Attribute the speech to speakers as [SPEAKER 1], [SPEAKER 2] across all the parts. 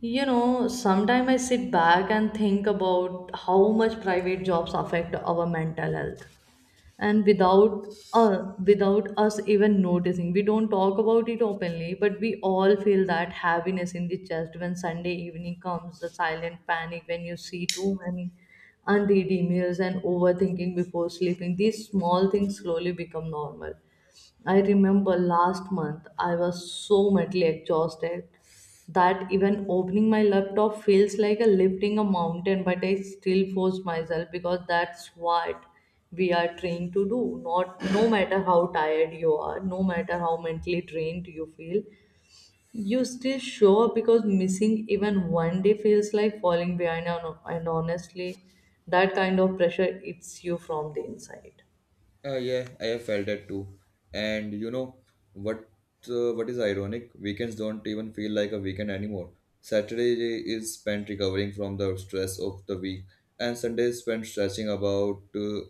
[SPEAKER 1] You know, sometimes I sit back and think about how much private jobs affect our mental health. And without without us even noticing, we don't talk about it openly, but we all feel that heaviness in the chest when Sunday evening comes, the silent panic when you see too many unread emails and overthinking before sleeping. These small things slowly become normal. I remember last month I was so mentally exhausted that even opening my laptop feels like a lifting a mountain, but I still force myself because that's what we are trained to do. Not no matter how tired you are, no matter how mentally drained you feel, you still show up because missing even one day feels like falling behind, and honestly that kind of pressure eats you from the inside.
[SPEAKER 2] Yeah, I have felt that too. And you know what? What is ironic? Weekends don't even feel like a weekend anymore. Saturday is spent recovering from the stress of the week, and Sunday is spent stretching about.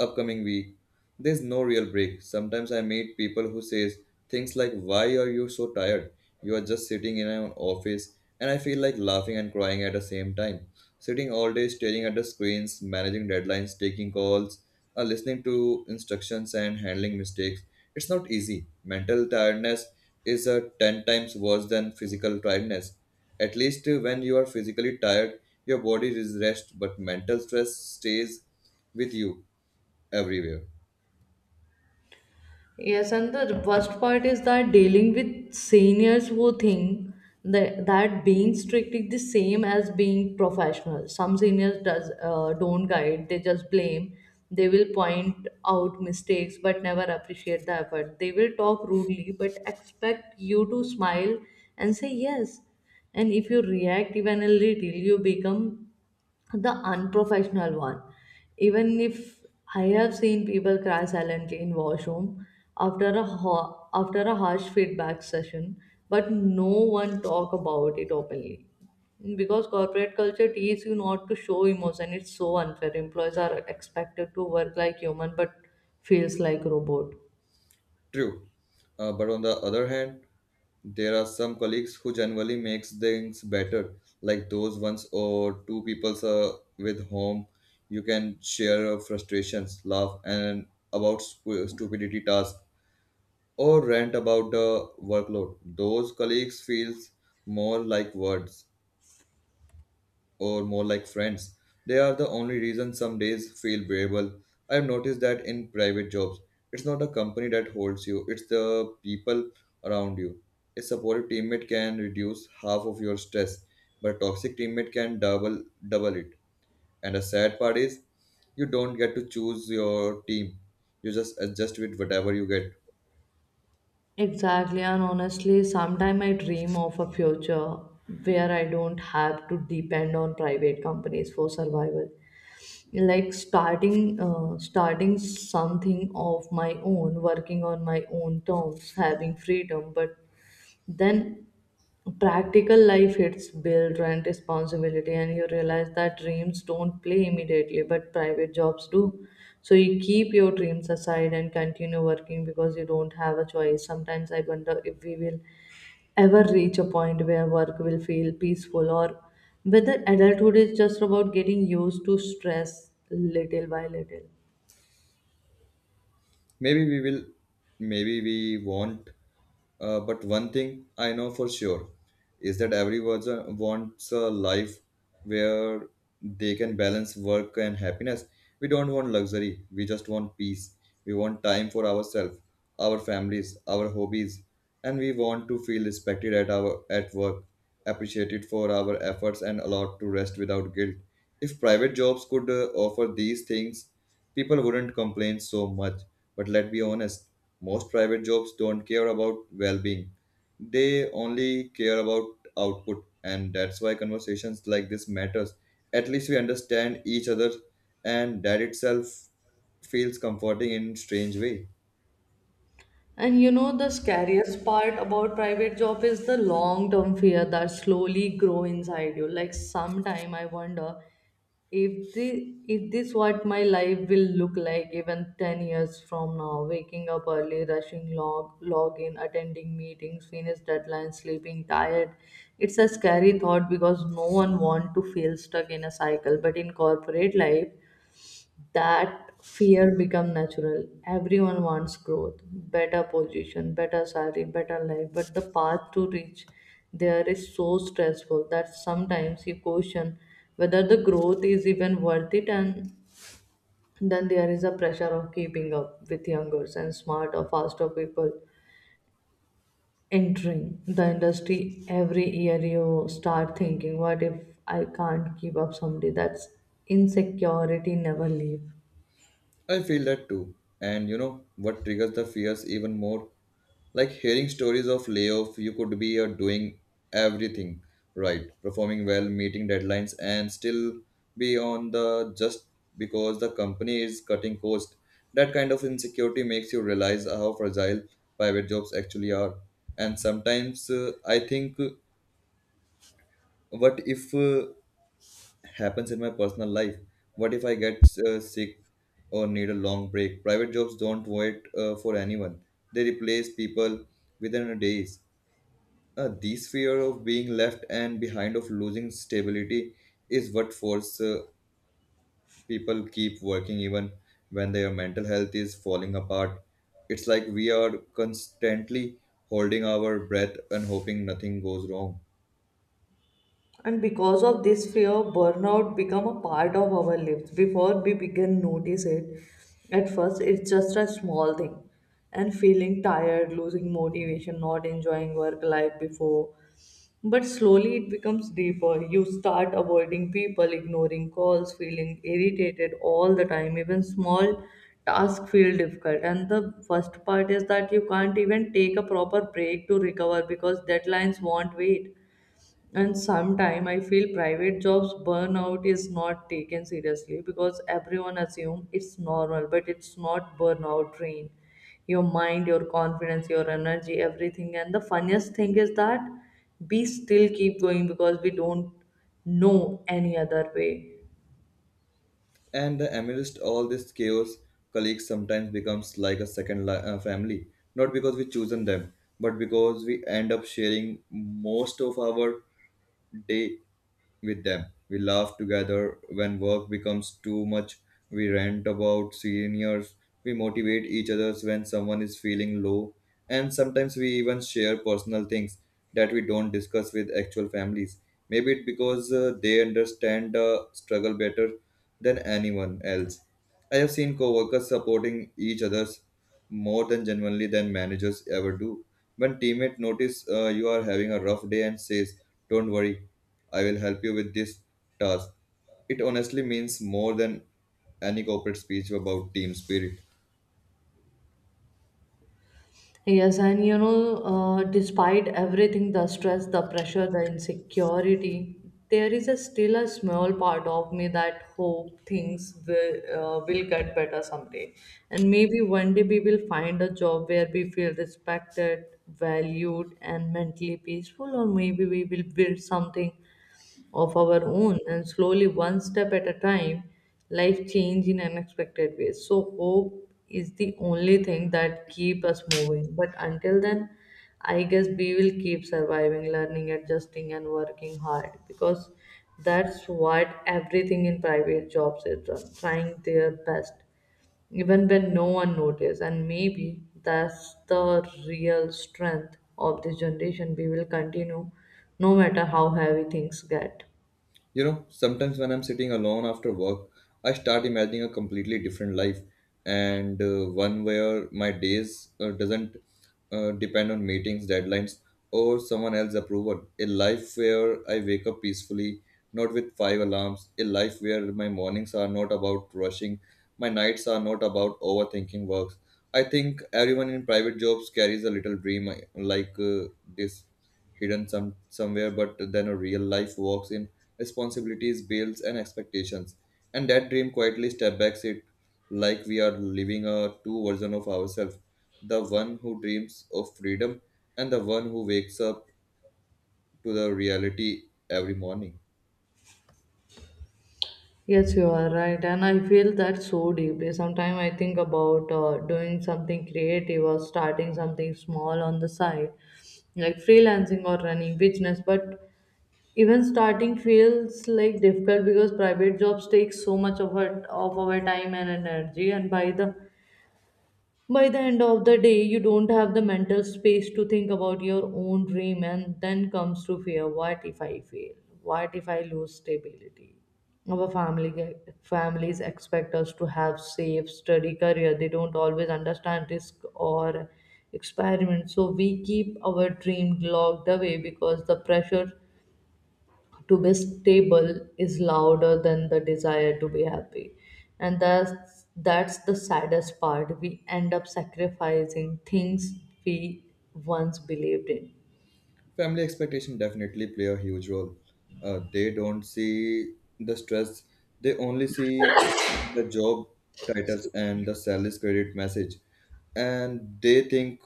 [SPEAKER 2] Upcoming week. There's no real break. Sometimes I meet people who says things like why are you so tired? You are just sitting in an office and I feel like laughing and crying at the same time. Sitting all day staring at the screens, managing deadlines, taking calls, listening to instructions and handling mistakes. It's not easy. Mental tiredness is 10 times worse than physical tiredness. At least when you are physically tired, your body is rest, but mental stress stays with you everywhere.
[SPEAKER 1] Yes, and the worst part is that dealing with seniors who think that being strict is the same as being professional. Some seniors does don't guide; they just blame. They will point out mistakes but never appreciate the effort. They will talk rudely but expect you to smile and say yes. And if you react even a little, you become the unprofessional one. Even if I have seen people cry silently in washroom after a harsh feedback session, but no one talk about it openly. Because corporate culture teaches you not to show emotion, it's so unfair. Employees are expected to work like human, but feels like robot.
[SPEAKER 2] True. But on the other hand, there are some colleagues who generally makes things better, like those ones or two people with whom you can share frustrations, laugh, and about stupidity tasks, or rant about the workload. Those colleagues feels more like words, or more like friends. They are the only reason some days feel bearable. I've noticed that in private jobs, it's not a company that holds you, it's the people around you. A supportive teammate can reduce half of your stress, but a toxic teammate can double it. And the sad part is you don't get to choose your team. You just adjust with whatever you get.
[SPEAKER 1] Exactly, and honestly, sometimes I dream of a future where I don't have to depend on private companies for survival. Like starting something of my own, working on my own terms, having freedom, but then practical life hits, build, rent, responsibility, and you realize that dreams don't play immediately but private jobs do, so you keep your dreams aside and continue working because you don't have a choice. Sometimes I wonder if we will ever reach a point where work will feel peaceful, or whether adulthood is just about getting used to stress little by little.
[SPEAKER 2] Maybe we will, maybe we won't. But one thing I know for sure is that everyone wants a life where they can balance work and happiness. We don't want luxury, we just want peace. We want time for ourselves, our families, our hobbies, and we want to feel respected at work, appreciated for our efforts and allowed to rest without guilt. If private jobs could offer these things, people wouldn't complain so much. But let's be honest, most private jobs don't care about well being, they only care about output, and that's why conversations like this matters. At least we understand each other, and that itself feels comforting in strange way.
[SPEAKER 1] And you know, the scariest part about private job is the long-term fear that slowly grow inside you. Like sometime I wonder if the if this what my life will look like even 10 years from now, waking up early, rushing log in, attending meetings, finish deadlines, sleeping tired. It's a scary thought because no one want to feel stuck in a cycle. But in corporate life, that fear become natural. Everyone wants growth, better position, better salary, better life, but the path to reach there is so stressful that sometimes you question whether the growth is even worth it. And then there is a pressure of keeping up with younger and smart or faster people entering the industry every year. You start thinking, what if I can't keep up someday? That's insecurity never leaves.
[SPEAKER 2] I feel that too. And you know what triggers the fears even more? Like hearing stories of layoff, you could be doing everything right, performing well, meeting deadlines, and still be on the just because the company is cutting cost. That kind of insecurity makes you realize how fragile private jobs actually are. And sometimes I think, what if happens in my personal life. What if I get sick or need a long break? Private jobs don't wait for anyone. They replace people within days. This fear of being left and behind of losing stability is what force people keep working even when their mental health is falling apart. It's like we are constantly holding our breath and hoping nothing goes wrong.
[SPEAKER 1] And because of this fear, burnout become a part of our lives before we begin notice it. At first, it's just a small thing, and feeling tired, losing motivation, not enjoying work like before. But slowly it becomes deeper. You start avoiding people, ignoring calls, feeling irritated all the time. Even small tasks feel difficult. And the first part is that you can't even take a proper break to recover because deadlines won't wait. And sometimes I feel private jobs burnout is not taken seriously because everyone assume it's normal, but it's not. Burnout drain your mind, your confidence, your energy, everything. And the funniest thing is that we still keep going because we don't know any other way.
[SPEAKER 2] And amidst all this chaos, colleagues sometimes becomes like a second family, not because we chosen them, but because we end up sharing most of our day with them. We laugh together when work becomes too much. We rant about seniors. We motivate each other when someone is feeling low. And sometimes we even share personal things that we don't discuss with actual families. Maybe it because they understand the struggle better than anyone else. I have seen coworkers supporting each other's more than genuinely than managers ever do. When teammate notice you are having a rough day and says, "Don't worry, I will help you with this task." It honestly means more than any corporate speech about team spirit.
[SPEAKER 1] Yes, and you know, despite everything, the stress, the pressure, the insecurity, there is a still a small part of me that hope things will get better someday. And maybe one day we will find a job where we feel respected, valued, and mentally peaceful, or maybe we will build something of our own, and slowly, one step at a time, life change in unexpected ways. So hope is the only thing that keep us moving, but until then, I guess we will keep surviving, learning, adjusting, and working hard because that's what everything in private jobs is done, trying their best even when no one notices. And maybe that's the real strength of this generation. We will continue no matter how heavy things get.
[SPEAKER 2] You know, sometimes when I'm sitting alone after work, I start imagining a completely different life and one where my days doesn't depend on meetings, deadlines, or someone else's approval. A life where I wake up peacefully, not with five alarms. A life where my mornings are not about rushing, my nights are not about overthinking works. I think everyone in private jobs carries a little dream like this hidden somewhere, but then a real life walks in, responsibilities, bills, and expectations. And that dream quietly step backs it, like we are living a two version of ourselves, the one who dreams of freedom and the one who wakes up to the reality every morning.
[SPEAKER 1] Yes, you are right, and I feel that so deeply. Sometimes I think about doing something creative or starting something small on the side, like freelancing or running business. But even starting feels like difficult because private jobs take so much of our time and energy, and by the end of the day you don't have the mental space to think about your own dream. And then comes to fear, what if I fail, what if I lose stability? Our family families expect us to have safe steady career. They don't always understand risk or experiment, so we keep our dream locked away because the pressure to be stable is louder than the desire to be happy. And that's the saddest part, we end up sacrificing things we once believed in.
[SPEAKER 2] Family expectation definitely play a huge role. They don't see the stress, they only see the job titles and the sales credit message, and they think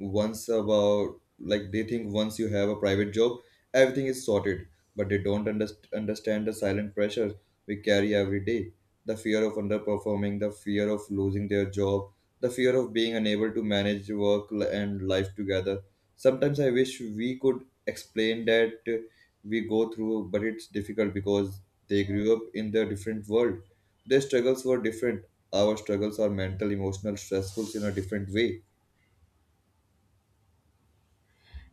[SPEAKER 2] once about like, they think once you have a private job everything is sorted, but they don't understand the silent pressure we carry every day, the fear of underperforming, the fear of losing their job, the fear of being unable to manage work and life together. Sometimes I wish we could explain that we go through, but it's difficult because they grew up in their different world, their struggles were different, our struggles are mental emotional stressful in a different way.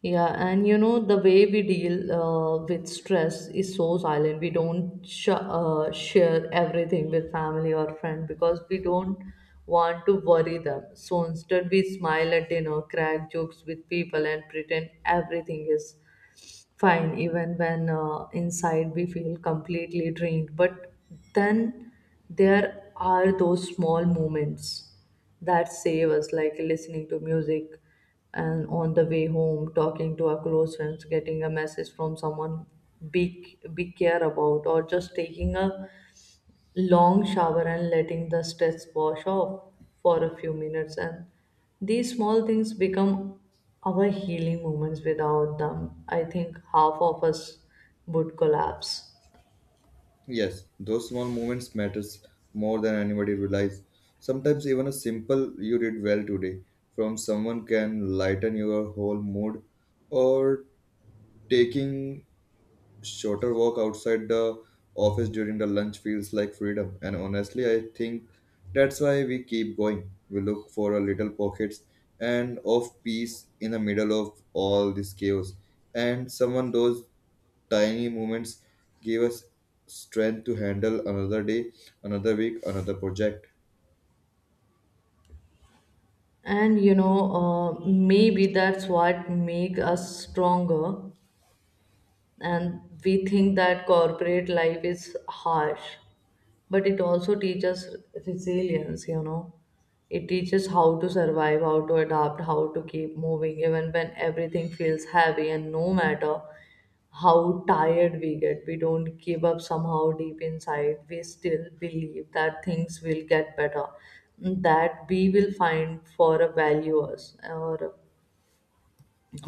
[SPEAKER 1] Yeah, and you know, the way we deal with stress is so silent. We don't share everything with family or friend because we don't want to worry them, so instead we smile at dinner, crack jokes with people, and pretend everything is fine even when inside we feel completely drained. But then there are those small moments that save us, like listening to music and on the way home, talking to our close friends, getting a message from someone we care about, or just taking a long shower and letting the stress wash off for a few minutes. And these small things become our healing moments. Without them I think half of us would collapse.
[SPEAKER 2] Yes, those small moments matters more than anybody realize. Sometimes even a simple you did well today from someone can lighten your whole mood, or taking shorter walk outside the office during the lunch feels like freedom, and honestly I think that's why we keep going, we look for a little pockets and of peace in the middle of all this chaos, and someone those tiny moments give us strength to handle another day, another week, another project.
[SPEAKER 1] And you know, maybe that's what make us stronger, and we think that corporate life is harsh, but it also teaches resilience, you know. It teaches how to survive, how to adapt, how to keep moving even when everything feels heavy. And no matter how tired we get, we don't give up. Somehow deep inside we still believe that things will get better, that we will find for a values, or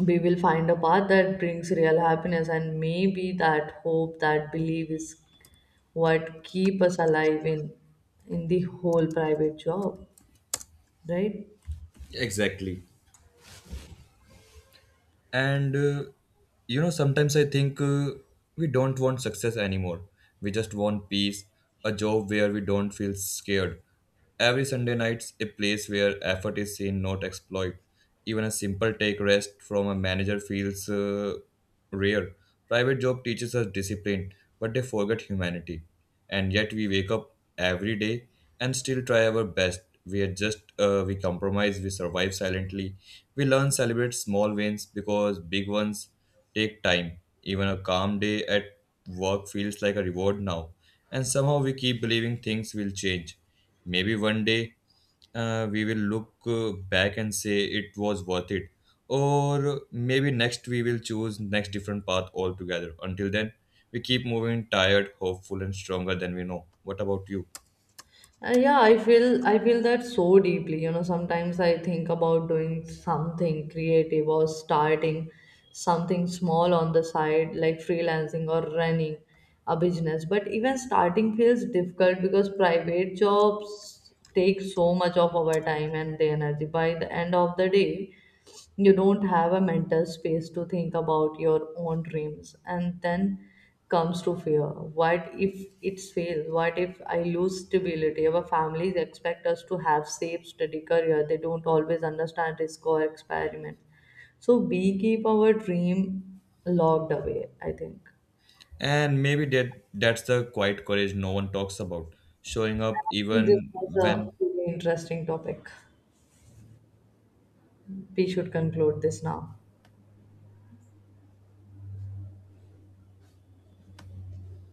[SPEAKER 1] we will find a path that brings real happiness. And maybe that hope, that belief, is what keep us alive in the whole private job, right?
[SPEAKER 2] Exactly. and You know, sometimes I think we don't want success anymore, we just want peace, a job where we don't feel scared every Sunday nights, a place where effort is seen not exploit. Even a simple take rest from a manager feels rare. Private job teaches us discipline, but they forget humanity. And yet we wake up every day and still try our best. We adjust, we compromise, we survive silently. We learn celebrate small wins because big ones take time. Even a calm day at work feels like a reward now. And somehow we keep believing things will change. Maybe one day we will look back and say it was worth it, or maybe next we will choose next different path altogether, until then we keep moving tired hopeful and stronger than we know. What about you?
[SPEAKER 1] Yeah, I feel that so deeply. You know, sometimes I think about doing something creative or starting something small on the side, like freelancing or running a business. But even starting feels difficult because private jobs take so much of our time and the energy. By the end of the day, you don't have a mental space to think about your own dreams. And then comes to fear, what if it's fail, what if I lose stability? Our families expect us to have safe steady career. They don't always understand risk or experiment, so we keep our dream locked away. I think
[SPEAKER 2] And maybe that's the quiet courage no one talks about, showing up
[SPEAKER 1] I think this
[SPEAKER 2] even
[SPEAKER 1] was a
[SPEAKER 2] when
[SPEAKER 1] really interesting topic. We should conclude this now.